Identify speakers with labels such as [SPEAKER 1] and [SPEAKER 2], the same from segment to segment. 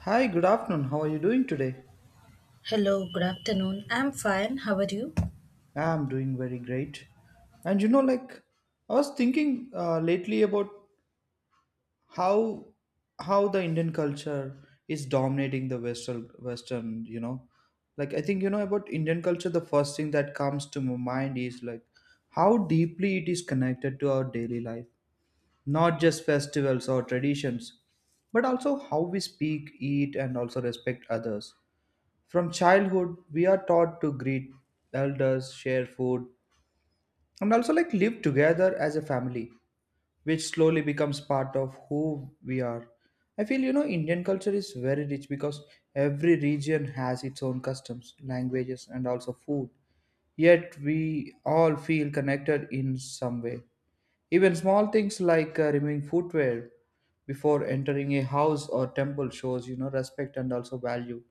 [SPEAKER 1] Hi, good afternoon. How are you doing today?
[SPEAKER 2] Hello, good afternoon. I'm fine. How are you?
[SPEAKER 1] I'm doing very great. And you know, like I was thinking lately about how how the Indian culture is dominating the Western. I think you know about Indian culture. The first thing that comes to my mind is like how deeply it is connected to our daily life, not just festivals or traditions, but also how we speak, eat, and also respect others. From childhood, we are taught to greet elders, share food, and also like live together as a family, which slowly becomes part of who we are. I feel you know Indian culture is very rich because every region has its own customs, languages, and also food. Yet we all feel connected in some way. Even small things like removing footwear before entering a house or temple shows you know respect and also value.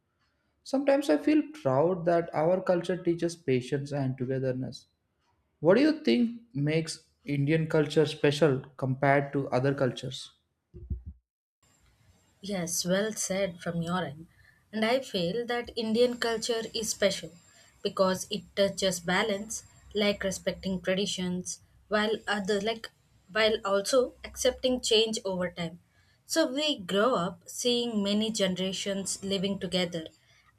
[SPEAKER 1] Sometimes I feel proud that our culture teaches patience and togetherness. What do you think makes Indian culture special compared to other cultures?
[SPEAKER 2] Yes, well said from your end. And I feel that Indian culture is special because it touches balance, like respecting traditions, while other like while also accepting change over time. So we grow up seeing many generations living together,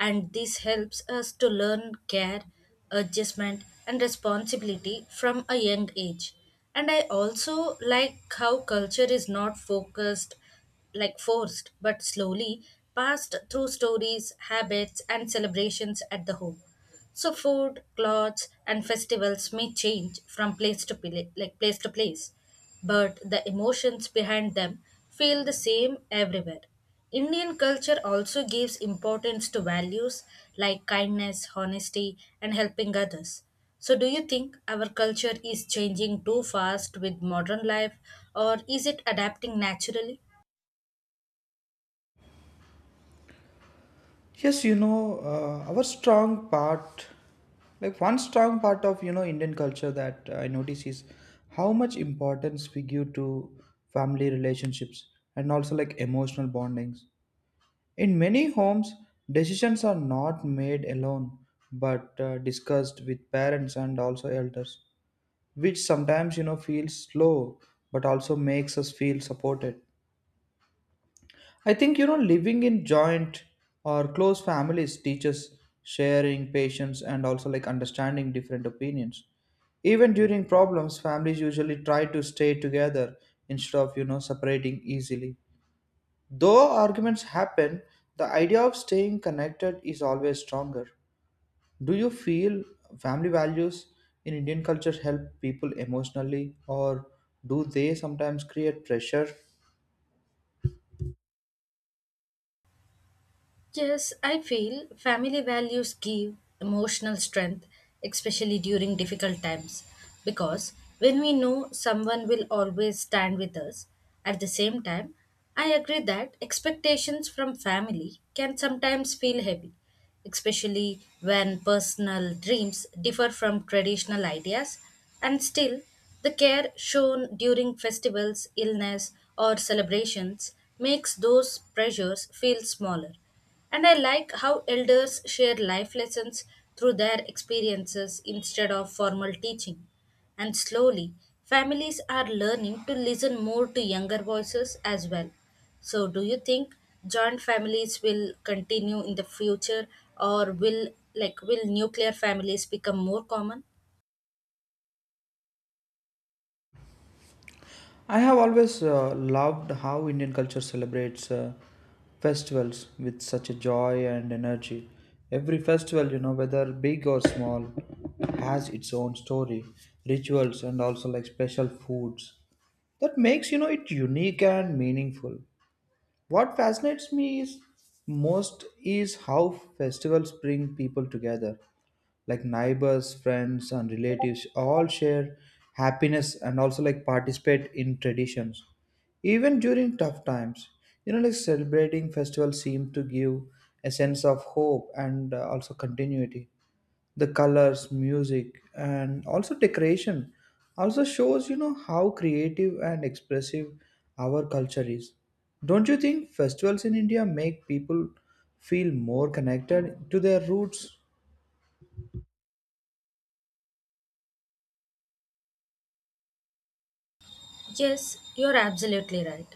[SPEAKER 2] and this helps us to learn care, adjustment, and responsibility from a young age. And I also like how culture is not focused forced but slowly passed through stories, habits, and celebrations at the home. So food, clothes, and festivals may change from place to pla- like place to place, but the emotions behind them feel the same everywhere. Indian culture also gives importance to values like kindness, honesty, and helping others. So, do you think our culture is changing too fast with modern life, or is it adapting naturally?
[SPEAKER 1] Yes, you know, like one strong part of, you know, Indian culture that I notice is how much importance we give to family relationships and also like emotional bondings. In many homes, decisions are not made alone but discussed with parents and also elders, which sometimes you know feels slow but also makes us feel supported. I think you know living in joint or close families teaches sharing, patience, and also like understanding different opinions. Even during problems, families usually try to stay together instead of you know separating easily. Though arguments happen, the idea of staying connected is always stronger. Do you feel family values in Indian culture help people emotionally, or do they sometimes create pressure?
[SPEAKER 2] Yes, I feel family values give emotional strength, especially during difficult times, because when we know someone will always stand with us, at the same time, I agree that expectations from family can sometimes feel heavy especially when personal dreams differ from traditional ideas, and still, the care shown during festivals, illness, or celebrations makes those pressures feel smaller. And I like how elders share life lessons through their experiences instead of formal teaching. And slowly, families are learning to listen more to younger voices as well. So, do you think joint families will continue in the future or will nuclear families become more common?
[SPEAKER 1] I have always loved how Indian culture celebrates festivals with such a joy and energy. Every festival, you know, whether big or small, has its own story, rituals, and also like special foods that makes you know it unique and meaningful. What fascinates me is most is how festivals bring people together, like neighbors, friends, and relatives all share happiness and also like participate in traditions, even during tough times. You know, like celebrating festivals seem to give a sense of hope and also continuity. The colors, music, and also decoration also shows you know how creative and expressive our culture is. Don't you think festivals in India make people feel more connected to their roots?
[SPEAKER 2] Yes, you're absolutely right.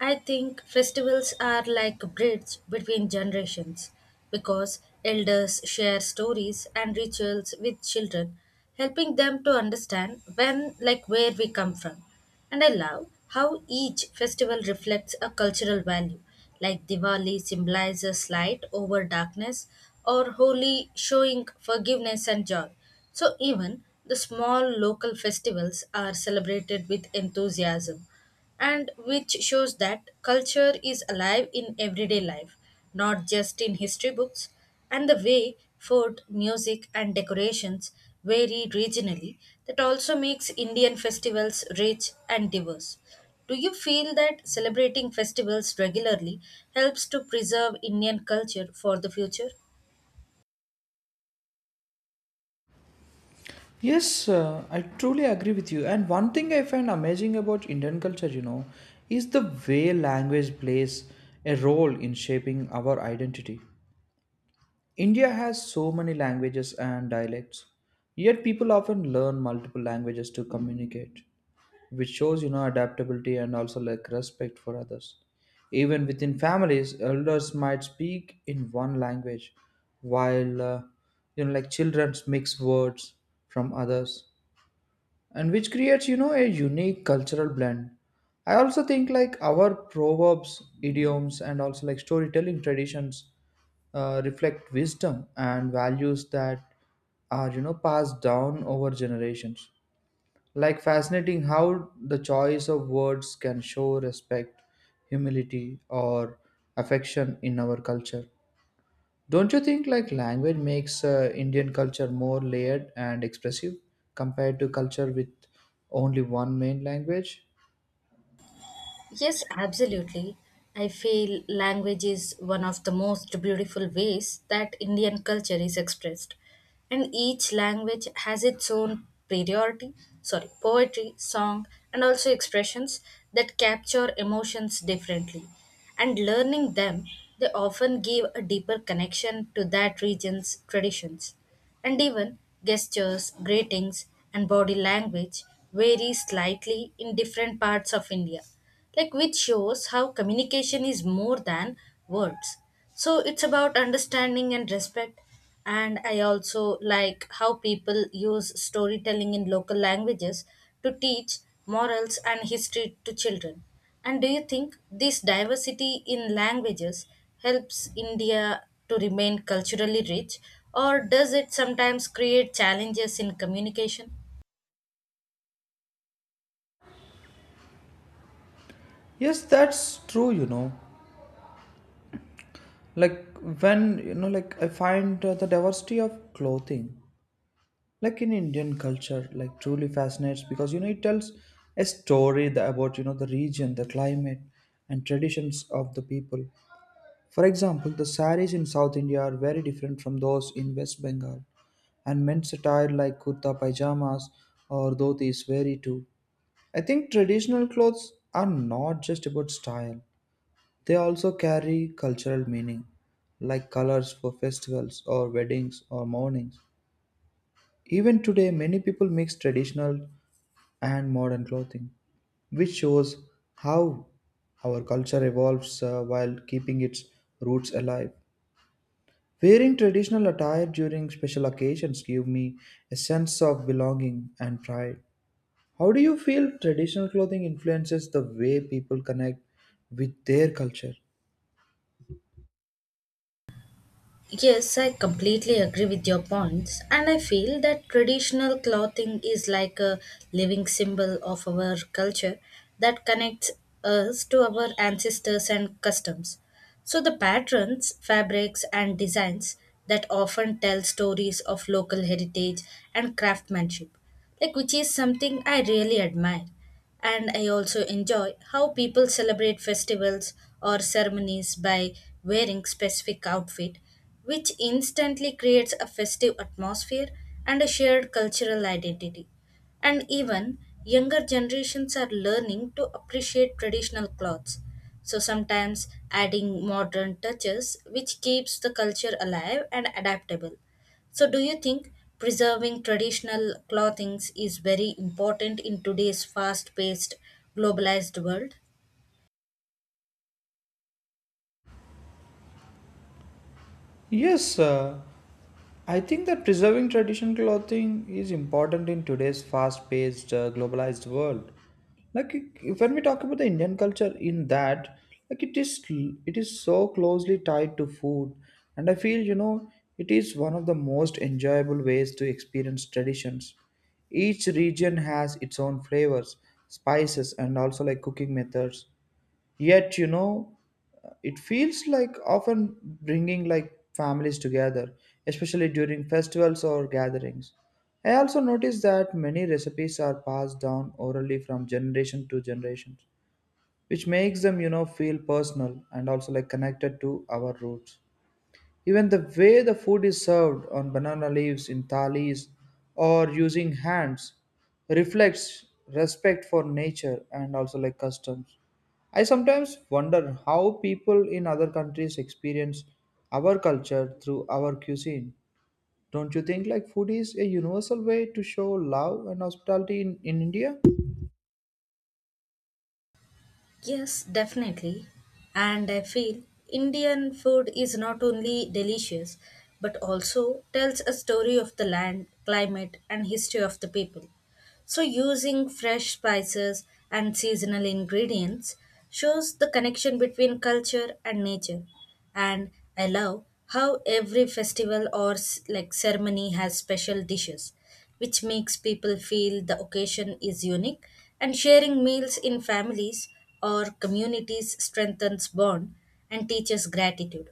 [SPEAKER 2] I think festivals are like a bridge between generations because elders share stories and rituals with children, helping them to understand where we come from. And I love how each festival reflects a cultural value, like Diwali symbolizes light over darkness, or Holi showing forgiveness and joy. So even the small local festivals are celebrated with enthusiasm and which shows that culture is alive in everyday life, not just in history books. And the way food, music, and decorations vary regionally, that also makes Indian festivals rich and diverse. Do you feel that celebrating festivals regularly helps to preserve Indian culture for the future?
[SPEAKER 1] Yes, I truly agree with you. And one thing I find amazing about Indian culture, you know, is the way language plays a role in shaping our identity. India has so many languages and dialects, yet people often learn multiple languages to communicate, which shows you know adaptability and also like respect for others. Even within families, elders might speak in one language, while you know like children mix words from others, and which creates you know a unique cultural blend. I also think like our proverbs, idioms, and also like storytelling traditions reflect wisdom and values that are you know passed down over generations. Like fascinating how the choice of words can show respect, humility, or affection in our culture. Don't you think like language makes Indian culture more layered and expressive compared to culture with only one main language?
[SPEAKER 2] Yes, absolutely. I feel language is one of the most beautiful ways that Indian culture is expressed. And each language has its own priority, sorry, poetry, song, and also expressions that capture emotions differently. And learning them, they often give a deeper connection to that region's traditions and even gestures, greetings, and body language vary slightly in different parts of India, like which shows how communication is more than words. So it's about understanding and respect. And I also like how people use storytelling in local languages to teach morals and history to children. And do you think this diversity in languages helps India to remain culturally rich, or does it sometimes create challenges in communication?
[SPEAKER 1] Yes, that's true, you know. Like, I find the diversity of clothing like in Indian culture like truly fascinates because you know it tells a story about you know the region, the climate, and traditions of the people. For example, the saris in South India are very different from those in West Bengal, and men's attire like kurta pajamas or dhotis vary too. I think traditional clothes are not just about style, they also carry cultural meaning, like colors for festivals or weddings or mournings. Even today, many people mix traditional and modern clothing, which shows how our culture evolves while keeping its roots alive. Wearing traditional attire during special occasions give me a sense of belonging and pride. How do you feel traditional clothing influences the way people connect with their culture?
[SPEAKER 2] Yes, I completely agree with your points, and I feel that traditional clothing is like a living symbol of our culture that connects us to our ancestors and customs. So, the patterns, fabrics, and designs that often tell stories of local heritage and craftsmanship, like which is something I really admire. And I also enjoy how people celebrate festivals or ceremonies by wearing specific outfit, which instantly creates a festive atmosphere and a shared cultural identity. And even younger generations are learning to appreciate traditional clothes. So sometimes adding modern touches, which keeps the culture alive and adaptable. So, do you think preserving traditional clothings is very important in today's fast paced, globalized world?
[SPEAKER 1] Yes, I think that preserving traditional clothing is important in today's fast paced, globalized world. Like when we talk about the Indian culture in that, like it is so closely tied to food, and I feel you know it is one of the most enjoyable ways to experience traditions. Each region has its own flavors, spices, and also like cooking methods. Yet, you know, it feels like often bringing like families together, especially during festivals or gatherings. I also noticed that many recipes are passed down orally from generation to generation, which makes them, you know, feel personal and also like connected to our roots. Even the way the food is served on banana leaves in thalis or using hands reflects respect for nature and also like customs. I sometimes wonder how people in other countries experience our culture through our cuisine. Don't you think like food is a universal way to show love and hospitality in India?
[SPEAKER 2] Yes, definitely. And I feel Indian food is not only delicious but also tells a story of the land, climate, and history of the people. So, using fresh spices and seasonal ingredients shows the connection between culture and nature. And I love how every festival or ceremony has special dishes which makes people feel the occasion is unique and sharing meals in families or communities strengthens bond and teaches gratitude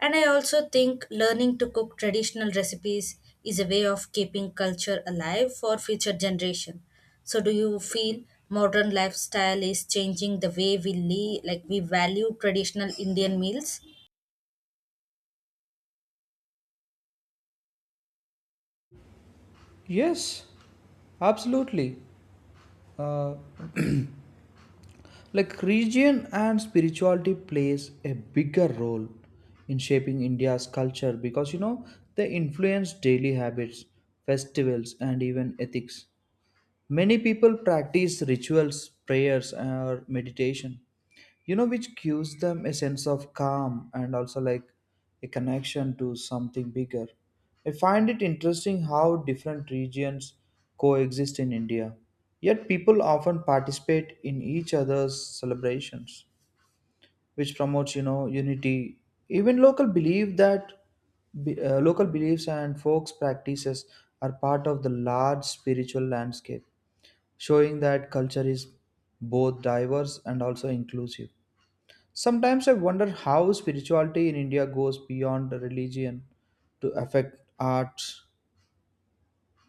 [SPEAKER 2] and I also think learning to cook traditional recipes is a way of keeping culture alive for future generation. So do you feel modern lifestyle is changing the way we live, we value traditional Indian meals?
[SPEAKER 1] Yes, absolutely. Uh, like religion and spirituality plays a bigger role in shaping India's culture because you know they influence daily habits, festivals, and even ethics. Many people practice rituals, prayers, or meditation, you know, which gives them a sense of calm and also like a connection to something bigger. I find it interesting how different regions coexist in India, yet people often participate in each other's celebrations, which promotes, you know, unity. Even local beliefs and folks practices are part of the large spiritual landscape, showing that culture is both diverse and also inclusive. Sometimes I wonder how spirituality in India goes beyond religion to affect arts,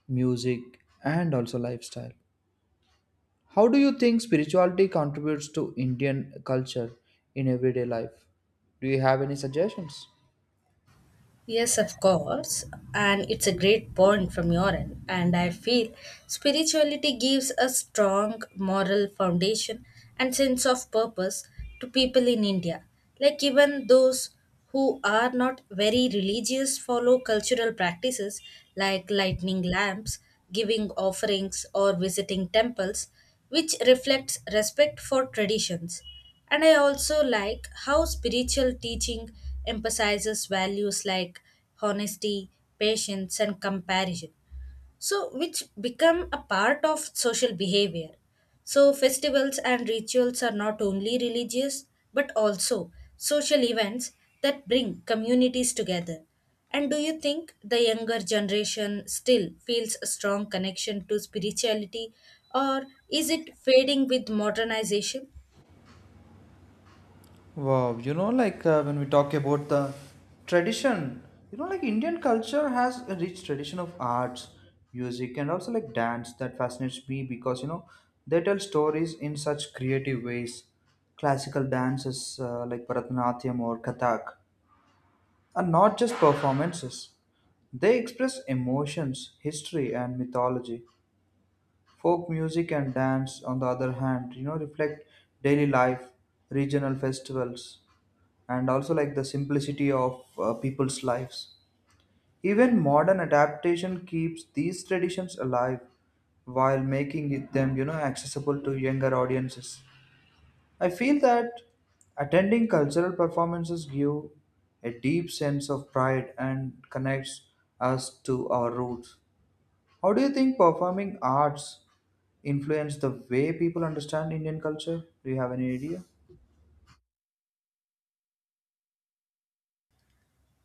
[SPEAKER 1] music, and also lifestyle. How do you think spirituality contributes to Indian culture in everyday life? Do you have any suggestions?
[SPEAKER 2] Yes, of course. And it's a great point from your end. And I feel spirituality gives a strong moral foundation and sense of purpose to people in India. Like, even those who are not very religious follow cultural practices like lighting lamps, giving offerings, or visiting temples which reflects respect for traditions. And I also like how spiritual teaching emphasizes values like honesty, patience, and comparison so which become a part of social behavior so festivals and rituals are not only religious but also social events that bring communities together and do you think the younger generation still feels a strong connection to spirituality or is it fading with modernization?
[SPEAKER 1] Wow, you know, like when we talk about the tradition, you know, like Indian culture has a rich tradition of arts, music, and also like dance that fascinates me because you know they tell stories in such creative ways. Classical dances like Bharatanatyam or Kathak are not just performances; they express emotions, history, and mythology. Folk music and dance, on the other hand, you know, reflect daily life, regional festivals, and also like the simplicity of people's lives. Even modern adaptation keeps these traditions alive while making them you know accessible to younger audiences. I feel that attending cultural performances give a deep sense of pride and connects us to our roots. How do you think performing arts influence the way people understand Indian culture? Do you have any idea?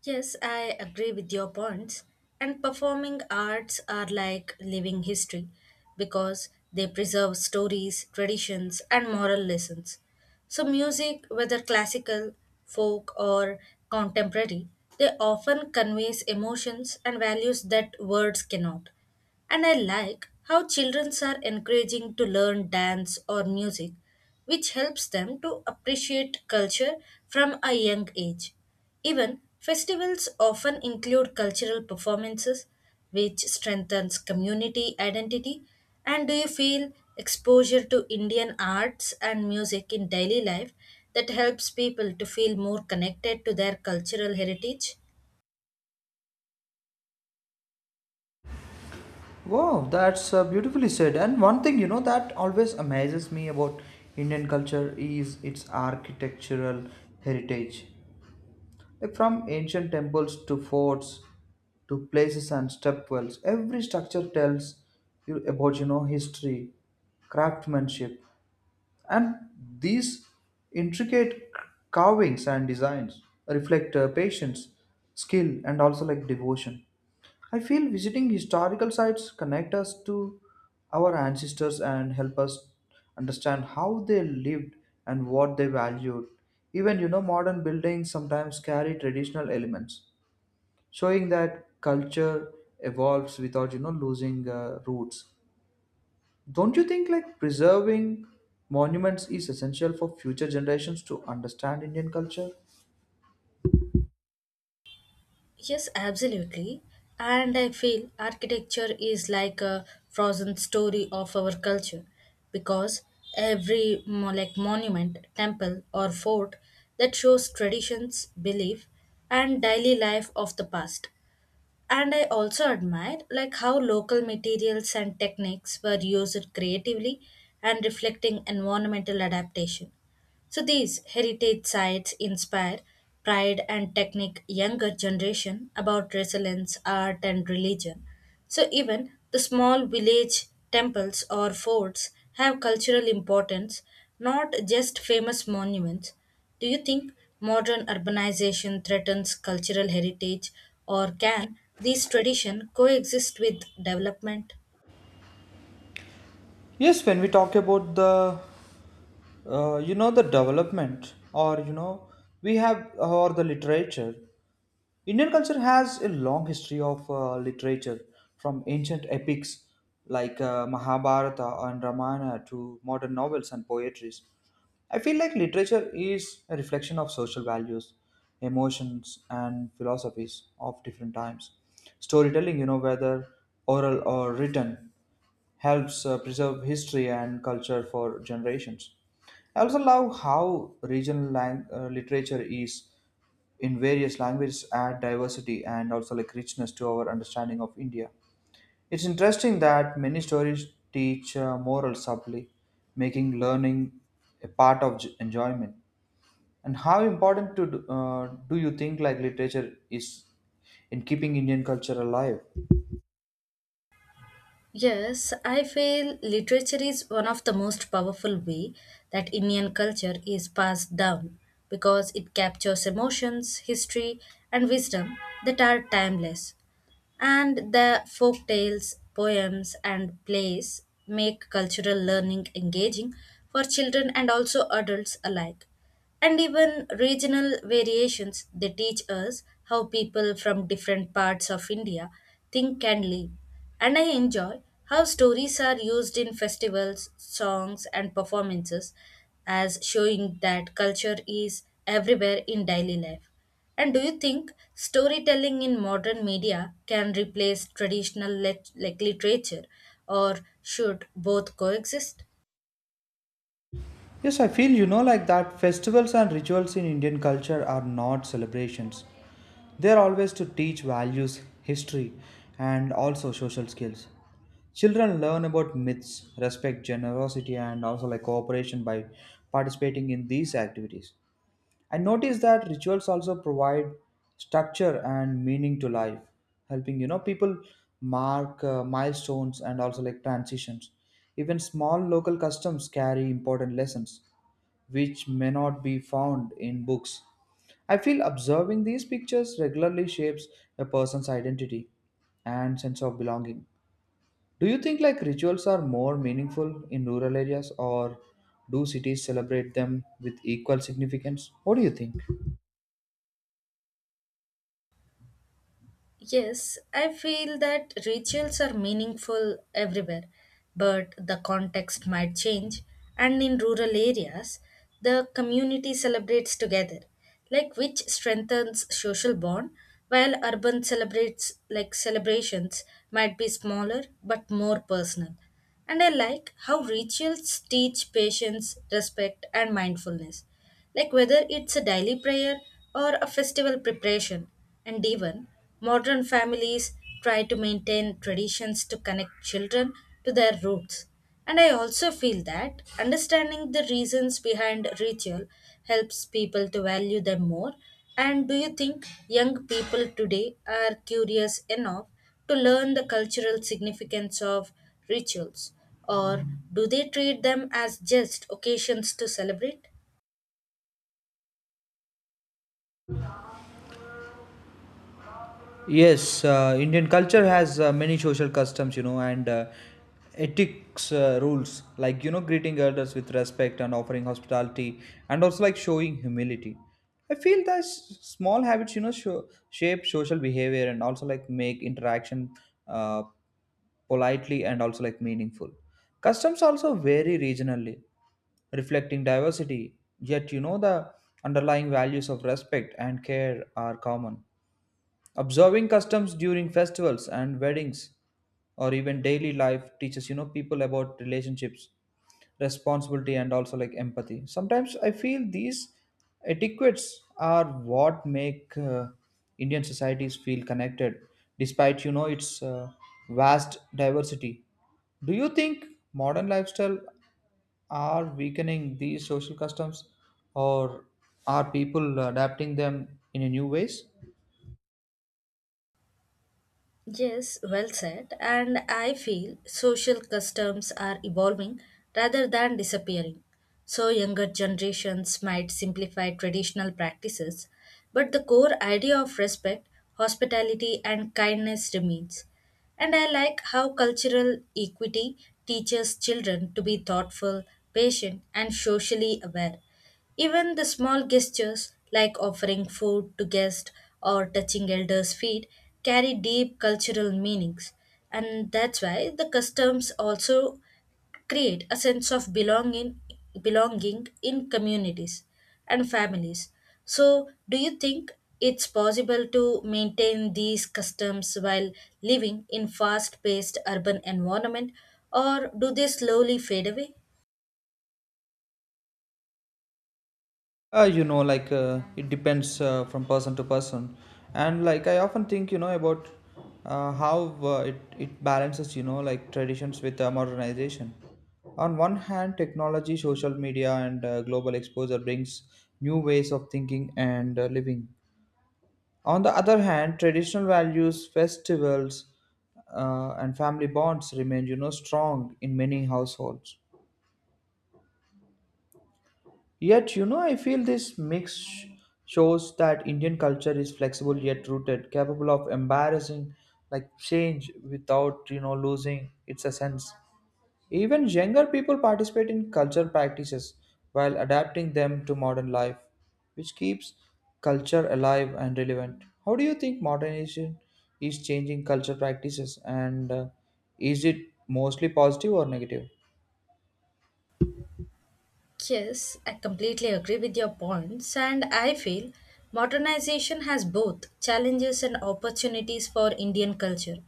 [SPEAKER 2] Yes, I agree with your points. And performing arts are like living history because they preserve stories, traditions, and moral lessons. So, music, whether classical, folk, or contemporary, they often conveys emotions and values that words cannot. And I like how children are encouraging to learn dance or music which helps them to appreciate culture from a young age. Even festivals often include cultural performances, which strengthens community identity. And do you feel exposure to Indian arts and music in daily life that helps people to feel more connected to their cultural heritage?
[SPEAKER 1] Wow, that's beautifully said. And one thing you know that always amazes me about Indian culture is its architectural heritage. Like from ancient temples to forts to places and stepwells, every structure tells you about you know history, craftsmanship, and these intricate carvings and designs reflect patience, skill, and also like devotion. I feel visiting historical sites connect us to our ancestors and help us understand how they lived and what they valued. Even you know modern buildings sometimes carry traditional elements, showing that culture evolves without you know losing roots. Don't you think like preserving monuments is essential for future generations to understand Indian culture?
[SPEAKER 2] Yes, absolutely. And I feel architecture is like a frozen story of our culture because every monument, temple or fort that shows traditions, belief and daily life of the past and I also admired like how local materials and techniques were used creatively and reflecting environmental adaptation. So these heritage sites inspire pride and technique younger generation about resilience, art and religion. So even the small village temples or forts have cultural importance, not just famous monuments. Do you think modern urbanization threatens cultural heritage or can these traditions coexist with development?
[SPEAKER 1] Yes, when we talk about the, you know, the development or, you know, we have, or the literature, Indian culture has a long history of literature, from ancient epics like Mahabharata and Ramayana to modern novels and poetries. I feel like literature is a reflection of social values, emotions, and philosophies of different times. Storytelling, you know, whether oral or written, helps preserve history and culture for generations. I also love how regional literature is in various languages add diversity and also like richness to our understanding of India. It's interesting that many stories teach moral subtly, making learning a part of enjoyment. And how important do you think like literature is in keeping Indian culture alive?
[SPEAKER 2] Yes, I feel literature is one of the most powerful way that Indian culture is passed down because it captures emotions, history and wisdom that are timeless. And the folk tales, poems, and plays make cultural learning engaging for children and also adults alike. And even regional variations, they teach us how people from different parts of India think and live. And I enjoy how stories are used in festivals, songs, and performances as showing that culture is everywhere in daily life. And do you think storytelling in modern media can replace traditional literature, or should both coexist?
[SPEAKER 1] Yes, I feel you know like that festivals and rituals in Indian culture are not celebrations. They are always to teach values, history, and also social skills. Children learn about myths, respect, generosity, and also like cooperation by participating in these activities. I notice that rituals also provide structure and meaning to life, helping you know people mark milestones and also like transitions. Even small local customs carry important lessons which may not be found in books. I feel observing these pictures regularly shapes a person's identity and sense of belonging. Do you think like rituals are more meaningful in rural areas or do cities celebrate them with equal significance? What do you think?
[SPEAKER 2] Yes, I feel that rituals are meaningful everywhere, but the context might change. And in rural areas, the community celebrates together, like which strengthens social bond, while urban celebrates like celebrations might be smaller but more personal. And I like how rituals teach patience, respect, and mindfulness like whether it's a daily prayer or a festival preparation. And even modern families try to maintain traditions to connect children to their roots. And I also feel that understanding the reasons behind ritual helps people to value them more. And do you think young people today are curious enough to learn the cultural significance of rituals? Or do they treat them as just occasions to celebrate?
[SPEAKER 1] Yes, Indian culture has many social customs, and ethics rules like greeting elders with respect and offering hospitality, and also like showing humility. I feel that small habits, shape social behavior and also like make interaction uh, politely and also like meaningful. Customs also vary regionally, reflecting diversity. Yet the underlying values of respect and care are common. Observing customs during festivals and weddings or even daily life teaches people about relationships, responsibility and also like empathy. Sometimes I feel these etiquettes are what make Indian societies feel connected despite its vast diversity. Do you think modern lifestyle are weakening these social customs or are people adapting them in a new ways?
[SPEAKER 2] Yes, well said. And I feel social customs are evolving rather than disappearing. So, younger generations might simplify traditional practices, but the core idea of respect, hospitality, and kindness remains. And I like how cultural equity teaches children to be thoughtful, patient, and socially aware. Even the small gestures, like offering food to guests or touching elders' feet, carry deep cultural meanings. And that's why the customs also create a sense of belonging, belonging in communities and families. So, do you think it's possible to maintain these customs while living in fast-paced urban environment, or do they slowly fade away?
[SPEAKER 1] Like, it depends from person to person, and like I often think, about how it balances, like traditions with modernization. On one hand, technology, social media, and global exposure brings new ways of thinking and living. On the other hand, traditional values, festivals, and family bonds remain, strong in many households. Yet, I feel this mix shows that Indian culture is flexible yet rooted, capable of embarrassing like change without, losing its essence. Even younger people participate in culture practices while adapting them to modern life, which keeps culture alive and relevant. How do you think modernization is changing culture practices and is it mostly positive or negative?
[SPEAKER 2] Yes, I completely agree with your points, and I feel modernization has both challenges and opportunities for Indian culture,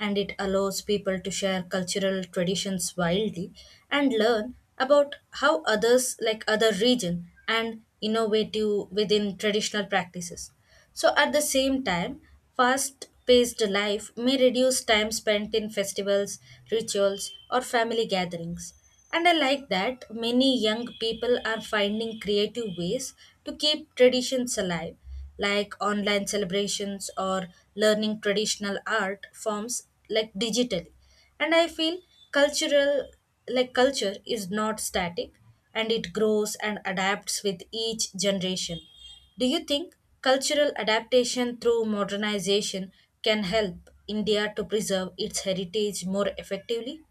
[SPEAKER 2] and it allows people to share cultural traditions wildly and learn about how others like other region and innovative within traditional practices. So at the same time, fast-paced life may reduce time spent in festivals, rituals, or family gatherings and I like that many young people are finding creative ways to keep traditions alive, like online celebrations or learning traditional art forms like digitally. And I feel cultural like culture is not static and it grows and adapts with each generation. Do you think cultural adaptation through modernization can help India to preserve its heritage more effectively?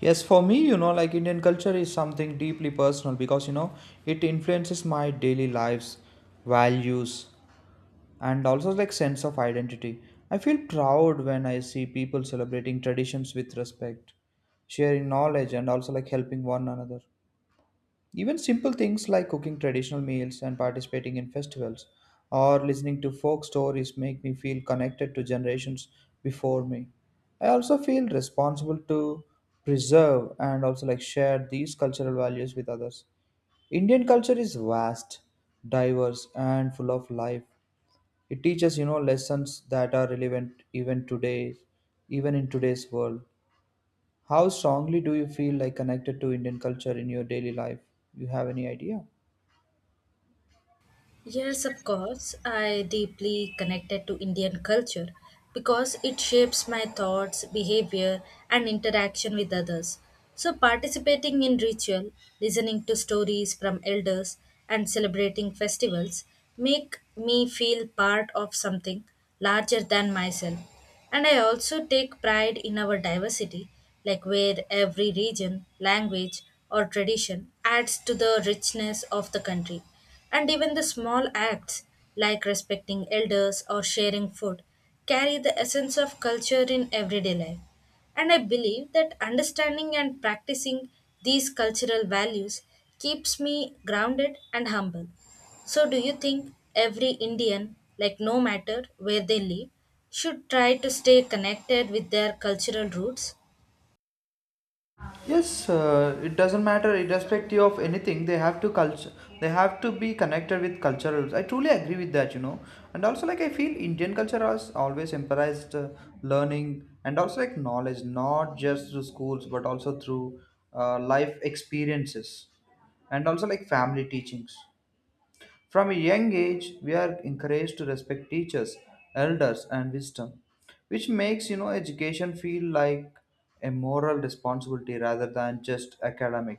[SPEAKER 1] Yes, for me, like Indian culture is something deeply personal because, it influences my daily lives, values, and also like sense of identity. I feel proud when I see people celebrating traditions with respect, sharing knowledge, and also like helping one another. Even simple things like cooking traditional meals and participating in festivals or listening to folk stories make me feel connected to generations before me. I also feel responsible to preserve and also like share these cultural values with others. Indian culture is vast, diverse and full of life. It teaches, lessons that are relevant even today, even in today's world. How strongly do you feel like connected to Indian culture in your daily life? You have any idea?
[SPEAKER 2] Yes, of course. I deeply connected to Indian culture because it shapes my thoughts, behavior, and interaction with others. So, participating in ritual, listening to stories from elders, and celebrating festivals make me feel part of something larger than myself. And I also take pride in our diversity, like where every region, language, or tradition adds to the richness of the country. And even the small acts, like respecting elders or sharing food, carry the essence of culture in everyday life. And I believe that understanding and practicing these cultural values keeps me grounded and humble. So, do you think every Indian, like no matter where they live, should try to stay connected with their cultural roots?
[SPEAKER 1] Yes, it doesn't matter, irrespective of anything. They have to culture. They have to be connected with cultural. I truly agree with that. And also, like I feel Indian culture has always emphasized learning and also like knowledge, not just through schools but also through life experiences and also like family teachings. From a young age, we are encouraged to respect teachers, elders, and wisdom, which makes education feel like a moral responsibility rather than just academic.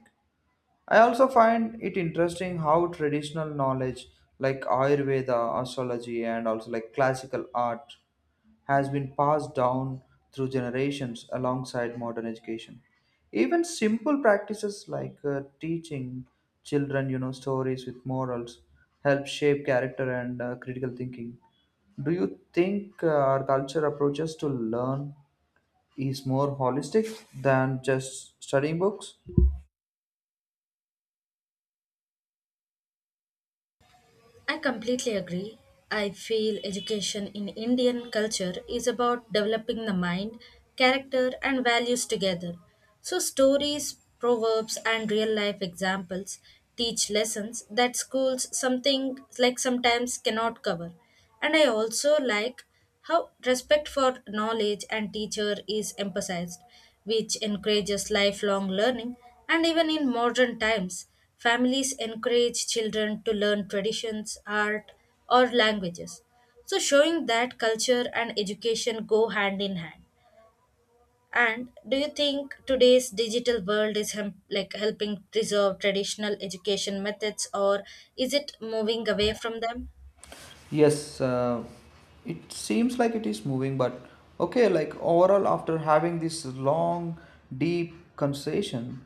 [SPEAKER 1] I also find it interesting how traditional knowledge like Ayurveda, astrology, and also like classical art has been passed down through generations alongside modern education. Even simple practices like teaching children, stories with morals help shape character and critical thinking. Do you think our culture approaches to learn is more holistic than just studying books?
[SPEAKER 2] I completely agree. I feel education in Indian culture is about developing the mind, character, and values together. So, stories, proverbs, and real life examples teach lessons that schools something like sometimes cannot cover. And I also like how respect for knowledge and teacher is emphasized, which encourages lifelong learning, and even in modern times, families encourage children to learn traditions, art, or languages. So, showing that culture and education go hand in hand. And do you think today's digital world is helping preserve traditional education methods, or is it moving away from them?
[SPEAKER 1] Yes, it seems like it is moving, but okay, like overall, after having this long, deep conversation,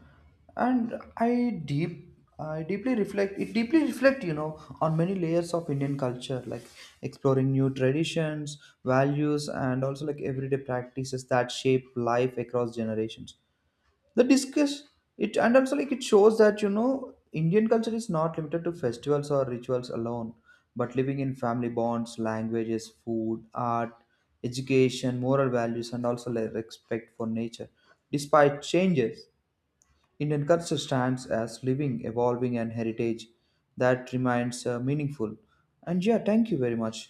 [SPEAKER 1] and I deeply reflect. It deeply reflect, on many layers of Indian culture, like exploring new traditions, values, and also like everyday practices that shape life across generations the discuss it, and also like it shows that Indian culture is not limited to festivals or rituals alone, but living in family bonds, languages, food, art, education, moral values, and also like respect for nature. Despite changes, Indian culture stands as living, evolving and heritage that remains meaningful. And yeah, thank you very much.